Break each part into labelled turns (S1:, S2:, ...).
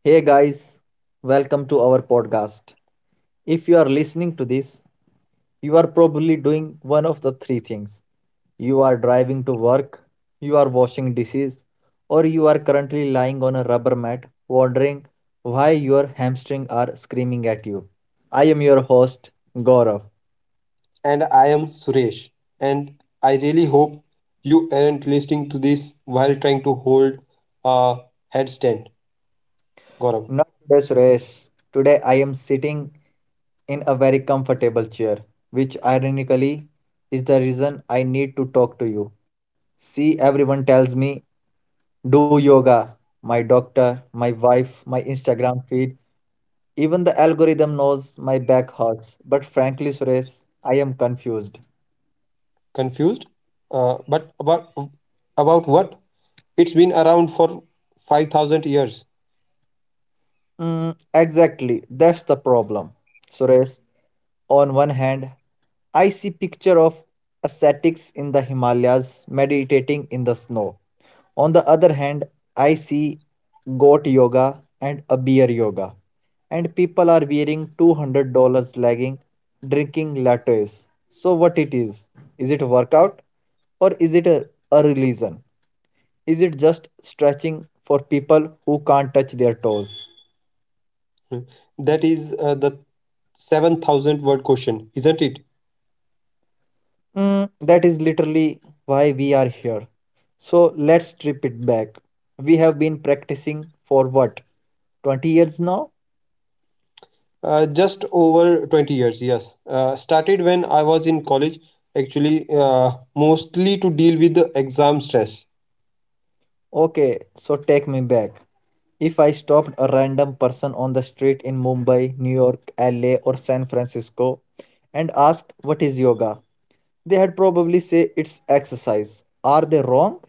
S1: Hey guys, welcome to our podcast. If you are listening to this, you are probably doing one of the three things. You are driving to work, you are washing dishes, or you are currently lying on a rubber mat wondering why your hamstrings are screaming at you. I am your host, Gaurav.
S2: And I am Suresh. And I really hope you aren't listening to this while trying to hold a headstand. Gaurav,
S1: Not today, Suresh. Today I am sitting in a very comfortable chair, which ironically is the reason I need to talk to you. See, everyone tells me do yoga. My doctor, my wife, my Instagram feed, even the algorithm knows my back hurts. But frankly, Suresh, I am confused.
S2: confused? But about what? It's been around for 5,000 years.
S1: Mm, exactly, that's the problem. Suresh, on one hand, I see picture of ascetics in the Himalayas meditating in the snow. On the other hand, I see goat yoga and a beer yoga. And people are wearing $200 legging, drinking lattes. So what it is? Is it a workout or is it a religion? Is it just stretching for people who can't touch their toes?
S2: Hmm. That is the 7,000 word question, isn't it?
S1: Mm, that is literally why we are here. So let's strip it back. We have been practicing for what? 20 years now?
S2: Just over 20 years. Yes. Started when I was in college, actually, mostly to deal with the exam stress.
S1: Okay, so take me back. If I stopped a random person on the street in Mumbai, New York, LA, or San Francisco and asked, "What is yoga?" They had probably say it's exercise. Are they wrong?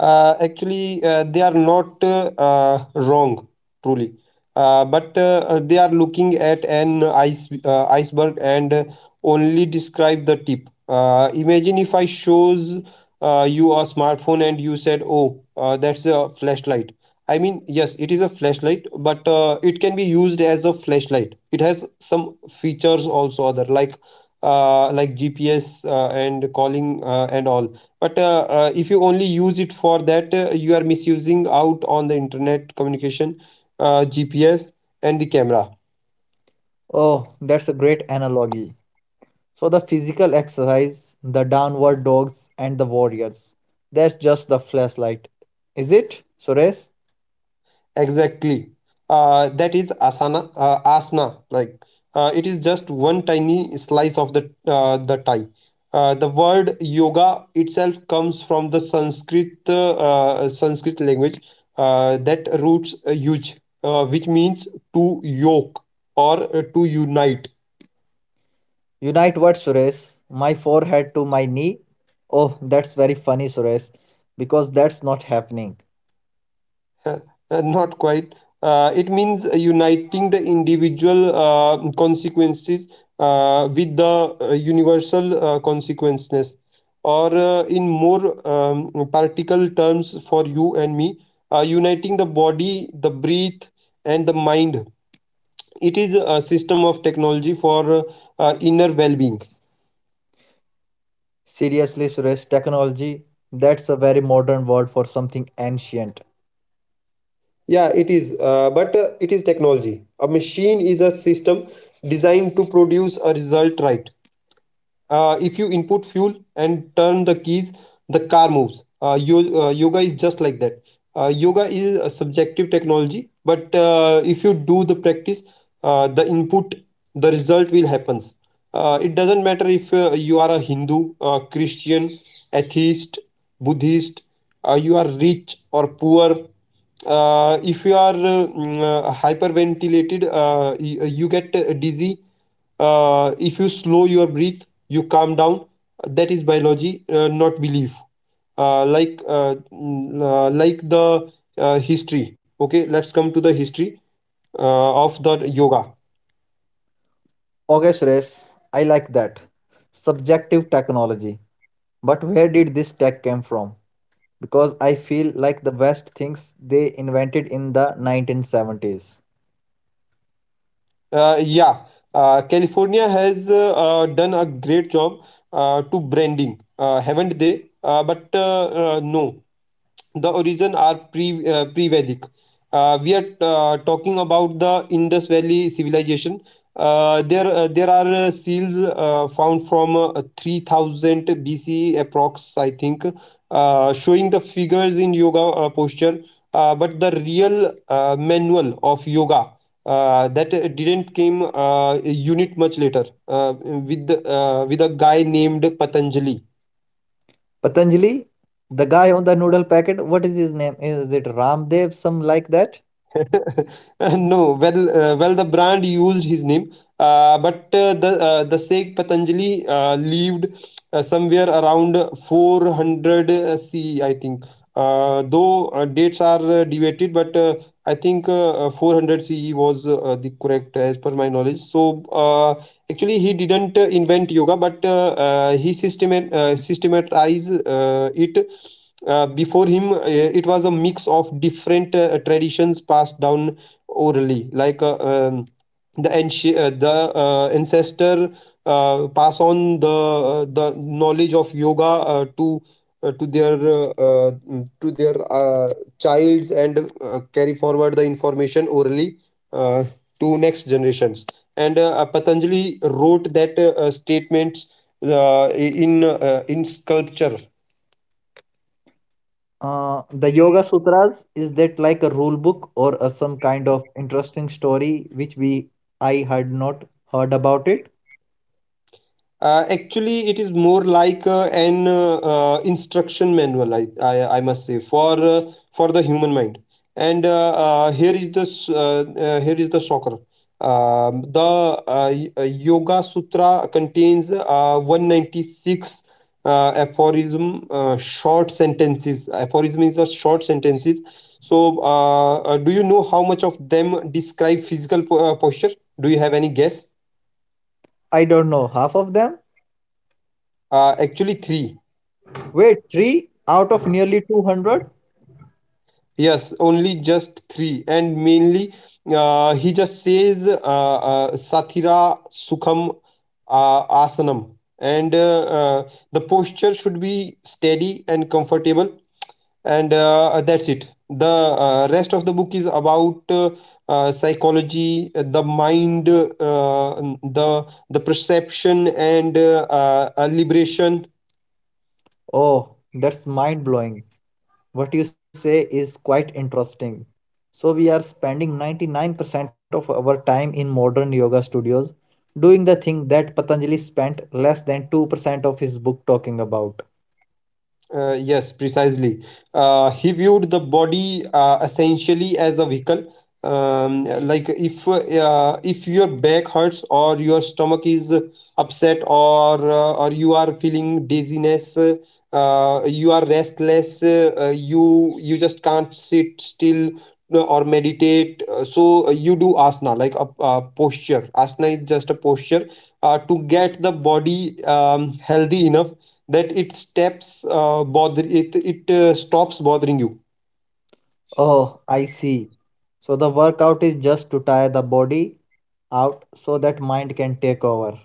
S2: Actually, they are not wrong, truly, but they are looking at an iceberg and only describe the tip. Imagine if I shows you a smartphone, and you said, oh, that's a flashlight. I mean, yes, it is a flashlight, but it can be used as a flashlight. It has some features also, other, like GPS, and calling, and all. But if you only use it for that, you are misusing out on the internet communication, GPS, and the camera.
S1: Oh, that's a great analogy. So the physical exercise, the downward dogs, and the warriors. That's just the flashlight. Is it, Suresh?
S2: Exactly, that is asana. Asana, like, it is just one tiny slice of the tie. The word yoga itself comes from the Sanskrit, Sanskrit language, that roots, yuj, which means to yoke, or to unite.
S1: Unite what, Suresh? My forehead to my knee? Oh, that's very funny, Suresh, because that's not happening.
S2: Uh, Not quite. It means uniting the individual consequences with the universal consequences. Or, in more particle terms for you and me, uniting the body, the breath, and the mind. It is a system of technology for inner well being.
S1: Seriously, Suresh, technology, that's a very modern word for something ancient.
S2: Yeah, it is. But it is technology. A machine is a system designed to produce a result, right? If you input fuel and turn the keys, the car moves. Yoga is just like that. Yoga is a subjective technology, but if you do the practice, the input, the result will happens. It doesn't matter if you are a Hindu, Christian, atheist, Buddhist, you are rich or poor. If you are hyperventilated, you get dizzy. If you slow your breath, you calm down. That is biology, not belief. Like, like the history. Okay, let's come to the history of the yoga.
S1: Okay, Suresh, I like that. Subjective technology. But where did this tech come from? Because I feel like the best things they invented in the 1970s.
S2: Yeah, California has done a great job to branding, haven't they? But No, the origin are pre-Vedic. We are talking about the Indus Valley civilization. There are seals found from 3000 BCE approx, I think, showing the figures in yoga posture, but the real manual of yoga, that didn't came a unit much later, with a guy named Patanjali.
S1: Patanjali, the guy on the noodle packet, what is his name? Is it Ramdev, some like that?
S2: No, well, well, the brand used his name, but the Sheikh Patanjali lived somewhere around 400 CE, think. Though dates are debated, but I think 400 CE was the correct as per my knowledge. So actually, he didn't invent yoga, but he systematized it. Before him, it was a mix of different traditions passed down orally, like the ancestor pass on the knowledge of yoga to their to their childs and carry forward the information orally uh, to next generations. And Patanjali wrote that statements in sculpture.
S1: The Yoga Sutras, is that like a rule book or some kind of interesting story which we I had not heard about it?
S2: Actually, it is more like an instruction manual, I must say, for the human mind. And here is the here is the shocker. The Yoga Sutra contains 196 aphorism, short sentences. Aphorism is a short sentences. So, do you know how much of them describe physical posture? Do you have any guess?
S1: I don't know. Half of them?
S2: Actually, three.
S1: Wait, three out of nearly 200?
S2: Yes, only just three, and mainly he just says, Sathira Sukham Asanam, and the posture should be steady and comfortable, and that's it. The rest of the book is about psychology, the mind, the perception, and liberation.
S1: Oh, that's mind blowing. What you say is quite interesting. So, we are spending 99% of our time in modern yoga studios doing the thing that Patanjali spent less than 2% of his book talking about.
S2: Yes, precisely. He viewed the body essentially as a vehicle. Like if your back hurts or your stomach is upset, or you are feeling dizziness, you are restless, you just can't sit still or meditate. So you do asana, like a posture. Asana is just a posture to get the body healthy enough that it steps bother it. Stops bothering you.
S1: Oh, I see. So, the workout is just to tire the body out so that mind can take over.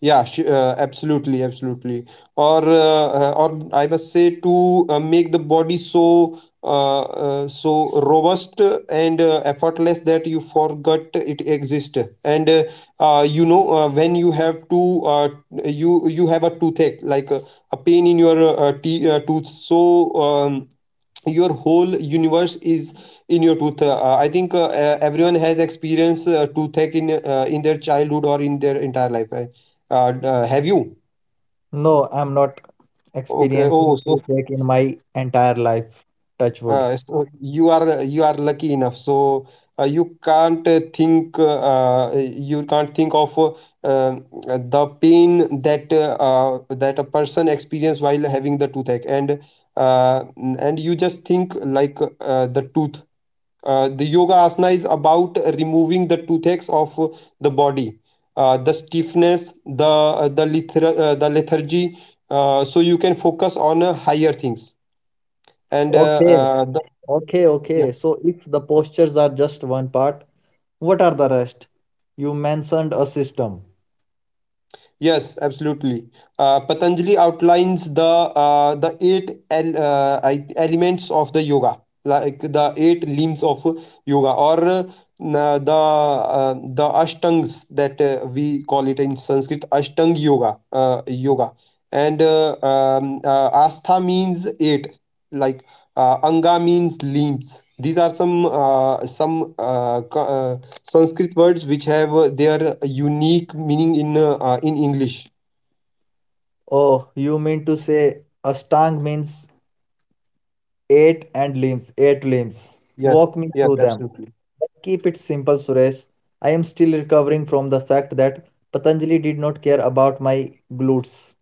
S2: Yeah, absolutely, absolutely. Or, or I must say, to make the body so so robust and effortless, that you forgot it exists. And you know when you have to, uh, you have a toothache, like a pain in your tooth. So, um, your whole universe is in your tooth. I think everyone has experienced toothache in their childhood or in their entire life. Have you?
S1: No, I'm not
S2: Okay, oh,
S1: experiencing
S2: so,
S1: toothache in my entire life. Touch wood.
S2: so you are lucky enough. So you can't think, you can't think of, the pain that that a person experience while having the toothache. And uh, and you just think like the tooth. The yoga asana is about removing the toothaches of the body, the stiffness, the the lethargy, so you can focus on higher things. And
S1: Okay, okay,
S2: yeah.
S1: okay. So, if the postures are just one part, what are the rest? You mentioned a system.
S2: Yes, absolutely. Patanjali outlines the eight elements of the yoga, like the eight limbs of yoga, or the ashtangs that we call it in Sanskrit, ashtang yoga, yoga. And astha means eight, like anga means limbs. These are some Sanskrit words which have their unique meaning in English.
S1: Oh, you mean to say a stang means eight and limbs, eight limbs.
S2: Yes,
S1: Walk me through
S2: yes,
S1: them.
S2: absolutely.
S1: But keep it simple, Suresh. I am still recovering from the fact that Patanjali did not care about my glutes.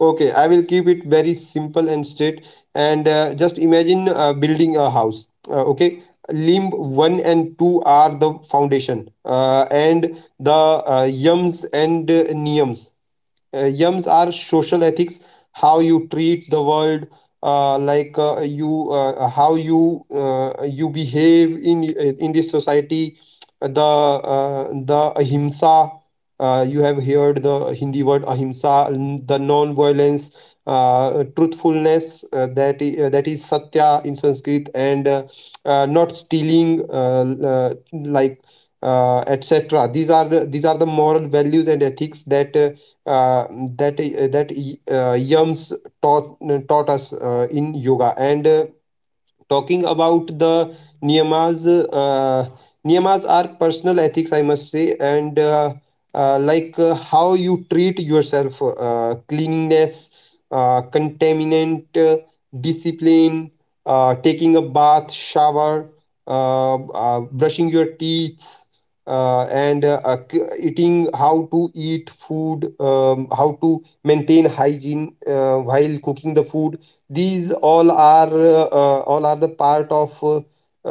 S2: Okay, I will keep it very simple and straight. And just imagine building a house. Okay, limb one and two are the foundation, and the yams and niyams, yums are social ethics, how you treat the world, like you, how you, you behave in this society. The the ahimsa, you have heard the Hindi word ahimsa, the non violence, truthfulness, that is satya in Sanskrit, and not stealing, uh, l- uh, like, etc. These are the, these are the moral values and ethics that uh, that that yams taught taught us in yoga. And talking about the niyamas, uh, niyamas are personal ethics, I must say. And like how you treat yourself, cleanliness, contaminant, discipline, taking a bath shower, brushing your teeth, and eating, how to eat food, how to maintain hygiene while cooking the food. These all are, all are the part of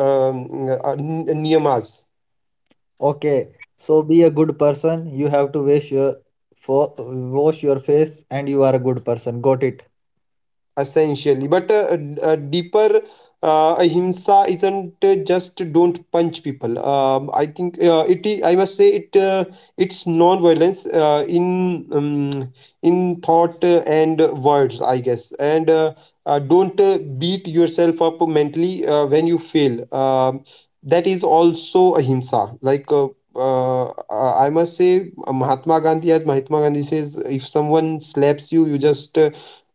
S2: um, uh, niyamas.
S1: Okay, so be a good person. You have to fo- wash your face and you are a good person. Got it?
S2: Essentially, but a deeper ahimsa isn't just don't punch people. I think it is, I must say, it it's non violence in thought and words, I guess. And don't beat yourself up mentally when you fail. That is also ahimsa, like, uh, I must say, Mahatma Gandhi, as Mahatma Gandhi says, if someone slaps you, uh,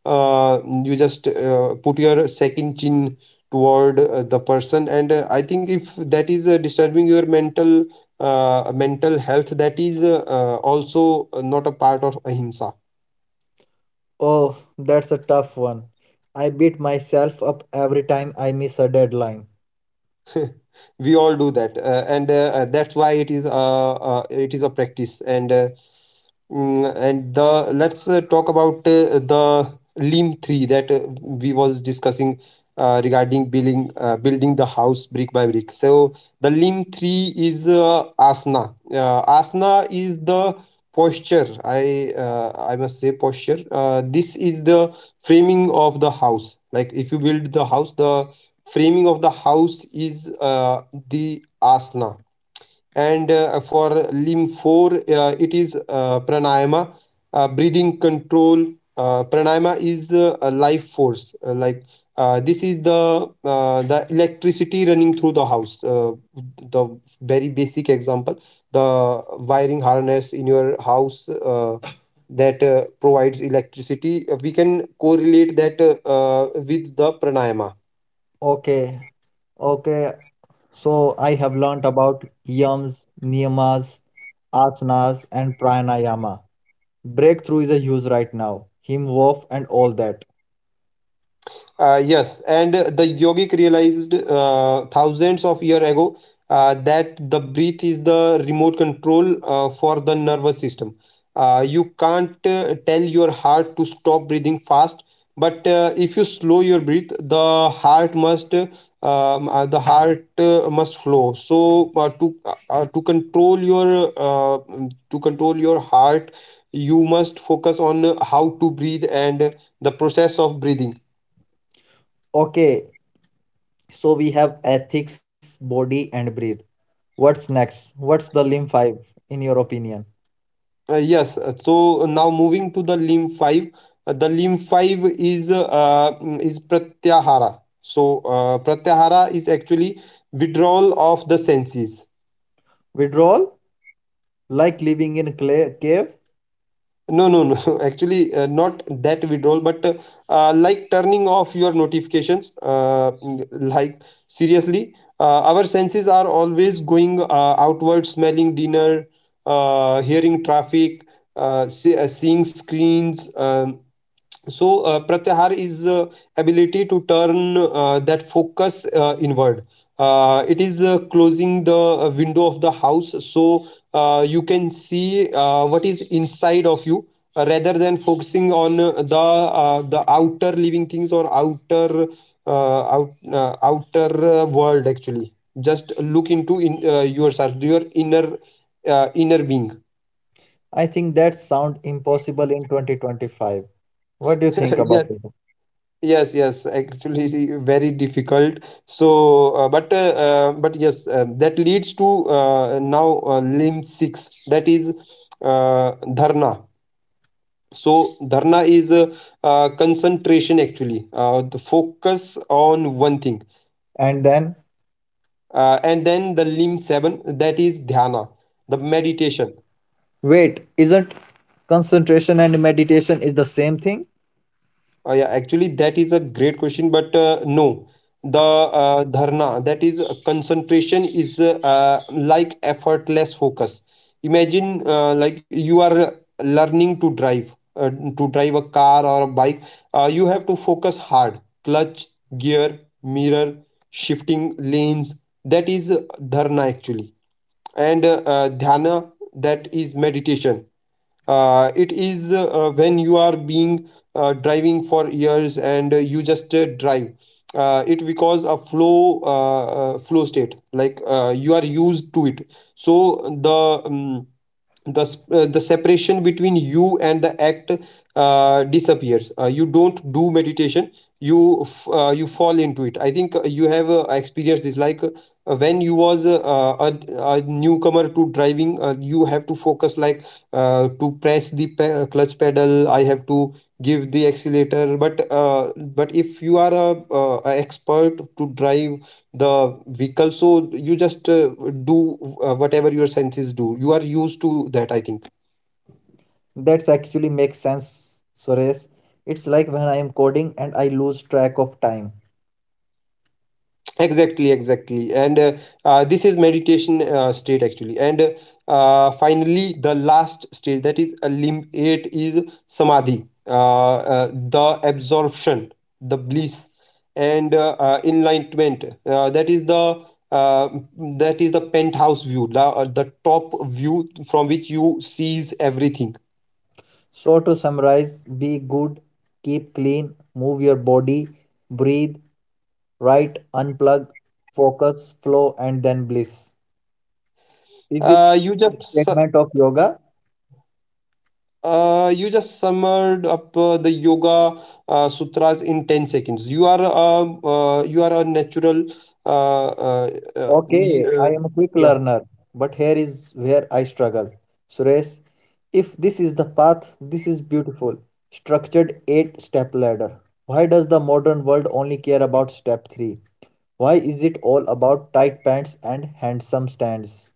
S2: uh, you just put your second chin toward the person. And I think if that is disturbing your mental, mental health, that is also not a part of ahimsa.
S1: Oh, that's a tough one. I beat myself up every time I miss a deadline.
S2: We all do that, and that's why it is, it is a practice. And mm, and the, let's talk about the Lean 3 that we was discussing, regarding building building the house brick by brick. So the Lean 3 is asana. Asana is the posture. I must say posture. This is the framing of the house. Like if you build the house, the framing of the house is the asana, and for limb 4 it is pranayama, breathing control. Pranayama is a life force, like this is the electricity running through the house. The very basic example, the wiring harness in your house that provides electricity. We can correlate that, with the pranayama.
S1: Okay, okay, so I have learnt about yams, niyamas, asanas, and pranayama. Breakthrough is a huge right now. Him Hof and all that.
S2: Yes, and the yogic realized thousands of years ago that the breath is the remote control for the nervous system. You can't tell your heart to stop breathing fast, but if you slow your breath, the heart must flow. So to control your to control your heart, you must focus on how to breathe and the process of breathing.
S1: Okay, so we have ethics, body, and breathe. What's next? What's the limb five in your opinion?
S2: Yes, so now moving to the limb 5. The limb 5 is is pratyahara. So pratyahara is actually withdrawal of the senses.
S1: Withdrawal? Like living in a cave?
S2: No, no, no. Actually, not that withdrawal, but like turning off your notifications. Like seriously, our senses are always going outward, smelling dinner, hearing traffic, seeing screens. So pratyahar is ability to turn that focus inward. It is closing the window of the house, so you can see what is inside of you, rather than focusing on the outer living things, or outer out, outer world. Actually just look into in yourself, your inner, inner being.
S1: I think that sound impossible in 2025. What do you think about
S2: Yes.
S1: it?
S2: Yes, yes, actually, very difficult. So, but yes, that leads to now limb six. That is dharna. So dharna is concentration, actually, the focus on one thing.
S1: And then,
S2: And then the limb seven, that is dhyana, the meditation.
S1: wait, isn't concentration and meditation is the same thing?
S2: Yeah, actually, that is a great question, but no, the dharna, that is concentration, is like effortless focus. Imagine like you are learning to drive a car or a bike. You have to focus hard, clutch, gear, mirror, shifting lanes. That is dharna, actually, and dhyana, that is meditation. It is when you are being driving for years, and you just drive it, because a flow, flow state, like you are used to it. So the separation between you and the act disappears. You don't do meditation, you fall into it. I think you have experienced this, like when you was a, a newcomer to driving, you have to focus like to press the pe- clutch pedal, I have to give the accelerator, but if you are a expert to drive the vehicle, so you just do whatever your senses do, you are used to that, I think.
S1: That's actually makes sense, Suresh. It's like when I am coding and I lose track of time.
S2: Exactly, exactly, and this is meditation state, actually. And finally the last stage, that is a limb 8, is samadhi, the absorption, the bliss, and enlightenment. That is the uh, that is the penthouse view, the top view from which you sees everything.
S1: So, to summarize, be good, keep clean, move your body, breathe, write, unplug, focus, flow, and then bliss. Is it
S2: uh, you
S1: a
S2: just
S1: statement of yoga?
S2: You just summed up the yoga sutras in 10 seconds. You are a natural. uh, uh, uh, you,
S1: Okay,
S2: uh,
S1: I am a quick
S2: yeah.
S1: learner, but here is where I struggle. Suresh, if this is the path, this is beautiful. Structured 8 step ladder. Why does the modern world only care about step 3? Why is it all about tight pants and handsome stands?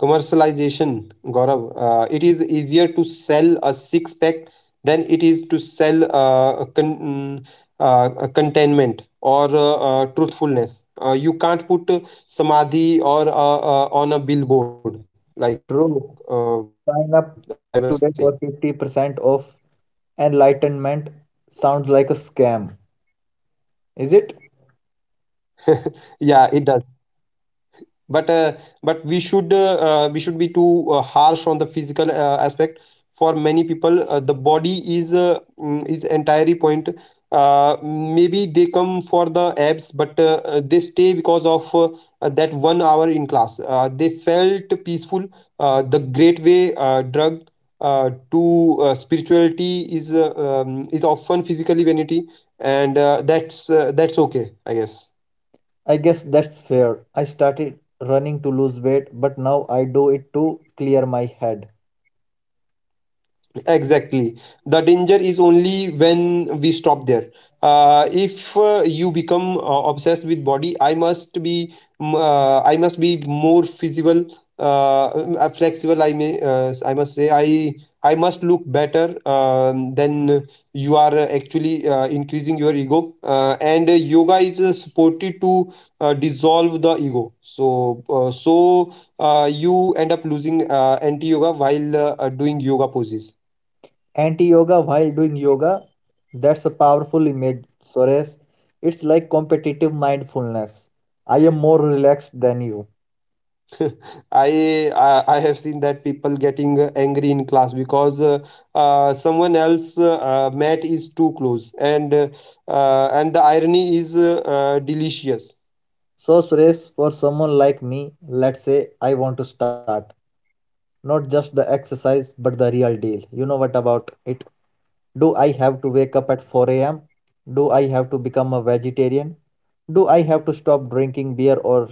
S2: Commercialization, Gaurav. It is easier to sell a six pack than it is to sell a contentment, or truthfulness. You can't put samadhi or on a billboard, like I
S1: True,
S2: must say.
S1: sign up today for 50% off enlightenment sounds like a scam, is it?
S2: Yeah, it does. but uh, but we should be too harsh on the physical aspect. For many people the body is is entirely point. Maybe they come for the abs, but they stay because of that one hour in class they felt peaceful. The great way drug to spirituality is often physically vanity, and that's okay, I guess.
S1: I guess that's fair. I started running to lose weight, but now I do it to clear my head.
S2: Exactly. The danger is only when we stop there. If you become obsessed with body, I must be I must be more feasible, flexible. I must say I must look better. Then you are actually increasing your ego. And yoga is supported to dissolve the ego. So you end up losing anti yoga while doing yoga poses.
S1: Anti yoga while doing yoga? That's a powerful image, Sores. It's like competitive mindfulness. I am more relaxed than you.
S2: I have seen that people getting angry in class, because someone else mat is too close, and and the irony is delicious.
S1: So, Suresh, for someone like me, let's say I want to start not just the exercise but the real deal. You know what about it? Do I have to wake up at 4 a.m.? Do I have to become a vegetarian? Do I have to stop drinking beer or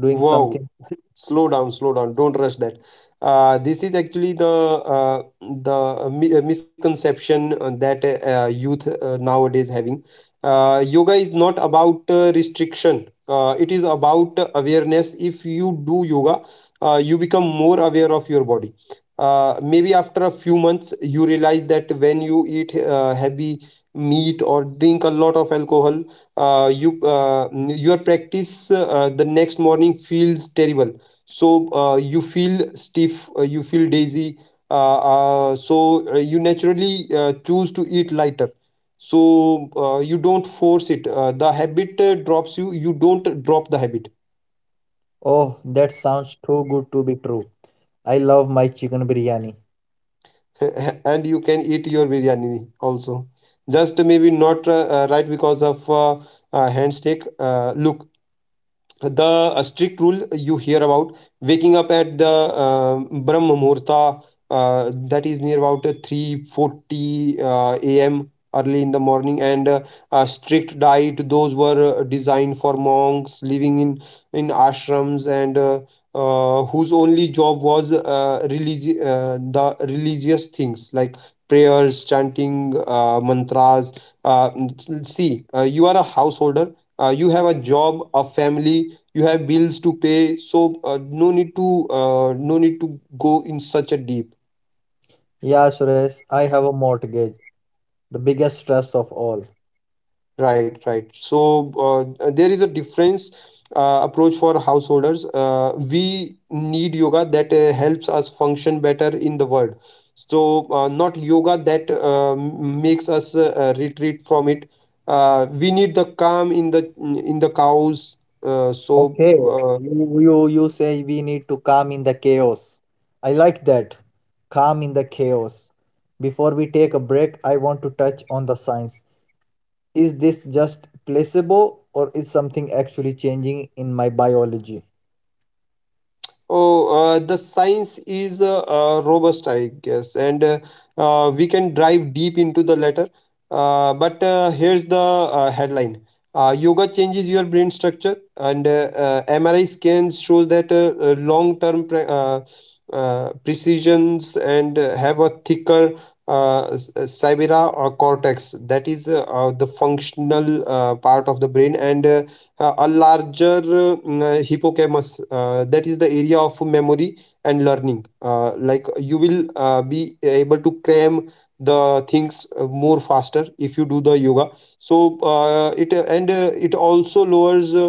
S1: doing
S2: Wow,
S1: something.
S2: slow down, slow down, don't rush that. This is actually the misconception that youth nowadays having. Yoga is not about restriction, it is about awareness. If you do yoga you become more aware of your body. Maybe after a few months you realize that when you eat heavy meat or drink a lot of alcohol uh, you uh, your practice the next morning feels terrible, so you feel stiff, you feel daisy. uh, you naturally choose to eat lighter, so you don't force it, the habit drops you don't drop the habit.
S1: Oh, that sounds too good to be true. I love my chicken biryani.
S2: And you can eat your biryani also, just maybe not right because of handshake look. The strict rule you hear about waking up at the brahm muhurta, that is near about 3:40 a.m., early in the morning, and a strict diet, those were designed for monks living in ashrams, and whose only job was the religious things, like prayers, chanting, mantras. uh, See, you are a householder, you have a job, a family, you have bills to pay, so no need to no need to go in such a deep.
S1: Yeah, Suresh, I have a mortgage, the biggest stress of all.
S2: Right, right. So there is a difference approach for householders. We need yoga that helps us function better in the world, so not yoga that makes us retreat from it. We need the calm in the cows, uh, so
S1: Okay,
S2: uh,
S1: you say we need to calm in the chaos. I like that. Calm in the chaos. Before we take a break, I want to touch on the science. Is this just placebo or is something actually changing in my biology?
S2: Oh, the science is robust, I guess, and we can dive deep into the latter. But Here's the headline: yoga changes your brain structure, and MRI scans shows that long-term precisions, and have a thicker cybera or cortex, that is the functional part of the brain, and a larger hippocampus, that is the area of memory and learning. Like you will be able to cram the things more faster if you do the yoga. So it also lowers uh,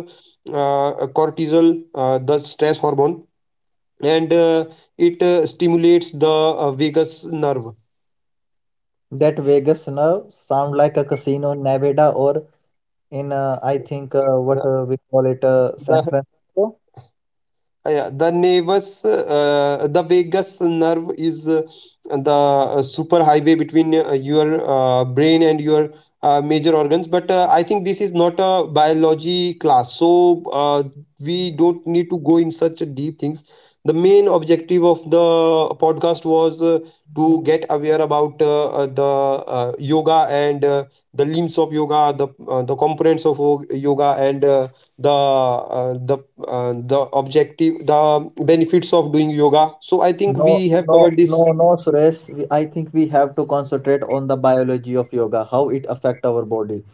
S2: uh, cortisol, the stress hormone, and it stimulates the vagus nerve.
S1: That Vegas nerve sound like a casino in Nevada or in I think what
S2: The,
S1: we call it San
S2: the
S1: Francisco.
S2: Yeah, the vagus nerve is the super highway between your brain and your major organs. But I think this is not a biology class, so we don't need to go in such deep things. The main objective of the podcast was to get aware about the yoga, and the limbs of yoga, the components of yoga, and the uh, the the objective, the benefits of doing yoga. So I think
S1: No,
S2: we have
S1: no,
S2: covered
S1: no,
S2: this.
S1: no, Suresh. We, I think we have to concentrate on the biology of yoga, how it affect our body.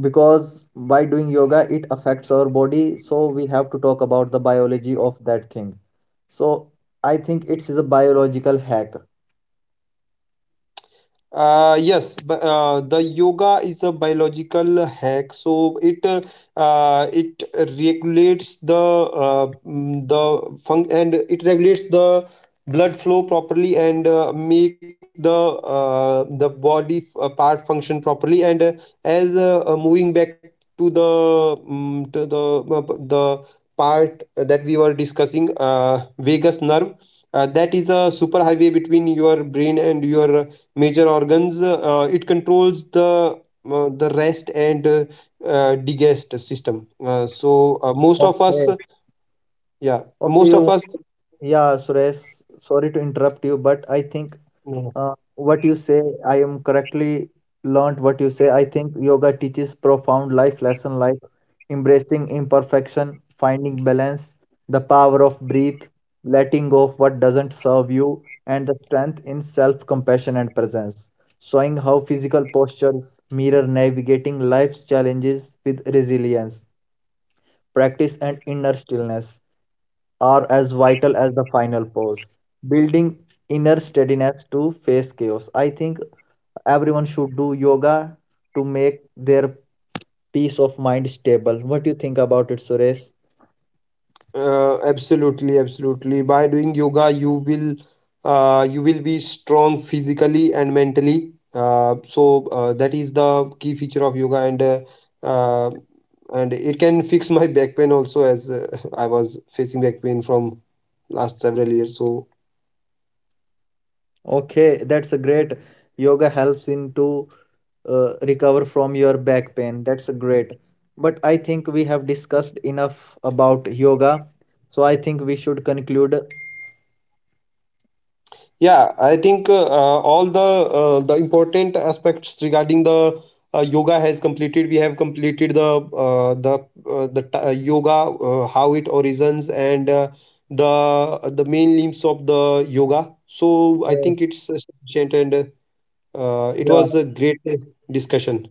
S1: Because by doing yoga, it affects our body. So we have to talk about the biology of that thing. So I think it is a biological hack.
S2: Yes, but the yoga is a biological hack, so it regulates the the fun, and it regulates the blood flow properly, and make the body part function properly. And as moving back to the mm to the part that we were discussing, vagus nerve, that is a superhighway between your brain and your major organs. It controls the rest and digest system. So most of us,
S1: Okay.
S2: yeah,
S1: Okay,
S2: most
S1: you.
S2: of us,
S1: Yeah, Suresh. Sorry to interrupt you, but I think what you say, I am correctly learned what you say. I think yoga teaches profound life lesson like embracing imperfection, finding balance, the power of breath, letting go of what doesn't serve you, and the strength in self-compassion and presence, showing how physical postures mirror navigating life's challenges with resilience, practice, and inner stillness are as vital as the final pose, building inner steadiness to face chaos. I think everyone should do yoga to make their peace of mind stable. What do you think about it, Suresh?
S2: absolutely, absolutely. By doing yoga you will be strong physically and mentally, so that is the key feature of yoga, uh, and it can fix my back pain also, as I was facing back pain from last several years so.
S1: Okay, that's a great. Yoga helps in to recover from your back pain. That's a great. But I think we have discussed enough about yoga, so I think we should conclude.
S2: Yeah, I think all the important aspects regarding the yoga has completed. We have completed the yoga, how it origins, and the main limbs of the yoga. So I
S1: Uh,
S2: think it's sufficient, and it
S1: yeah.
S2: was a great discussion.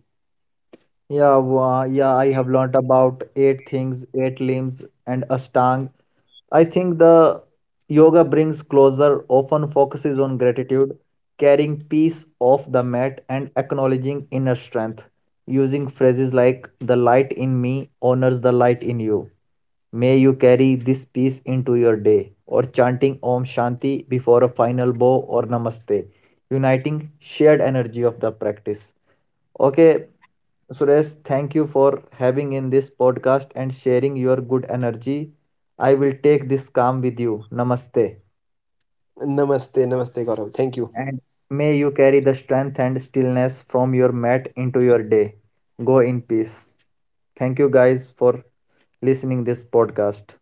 S1: Yeah, I have learnt about eight things, eight limbs, and Ashtanga. I think the yoga brings closer, often focuses on gratitude, carrying peace off the mat, and acknowledging inner strength, using phrases like, "The light in me honors the light in you. May you carry this peace into your day," or chanting Om Shanti before a final bow or Namaste, uniting shared energy of the practice. Okay, Suresh, thank you for having in this podcast and sharing your good energy. I will take this calm with you. Namaste.
S2: Namaste, namaste, Gaurav. Thank you.
S1: And may you carry the strength and stillness from your mat into your day. Go in peace. Thank you guys for listening this podcast.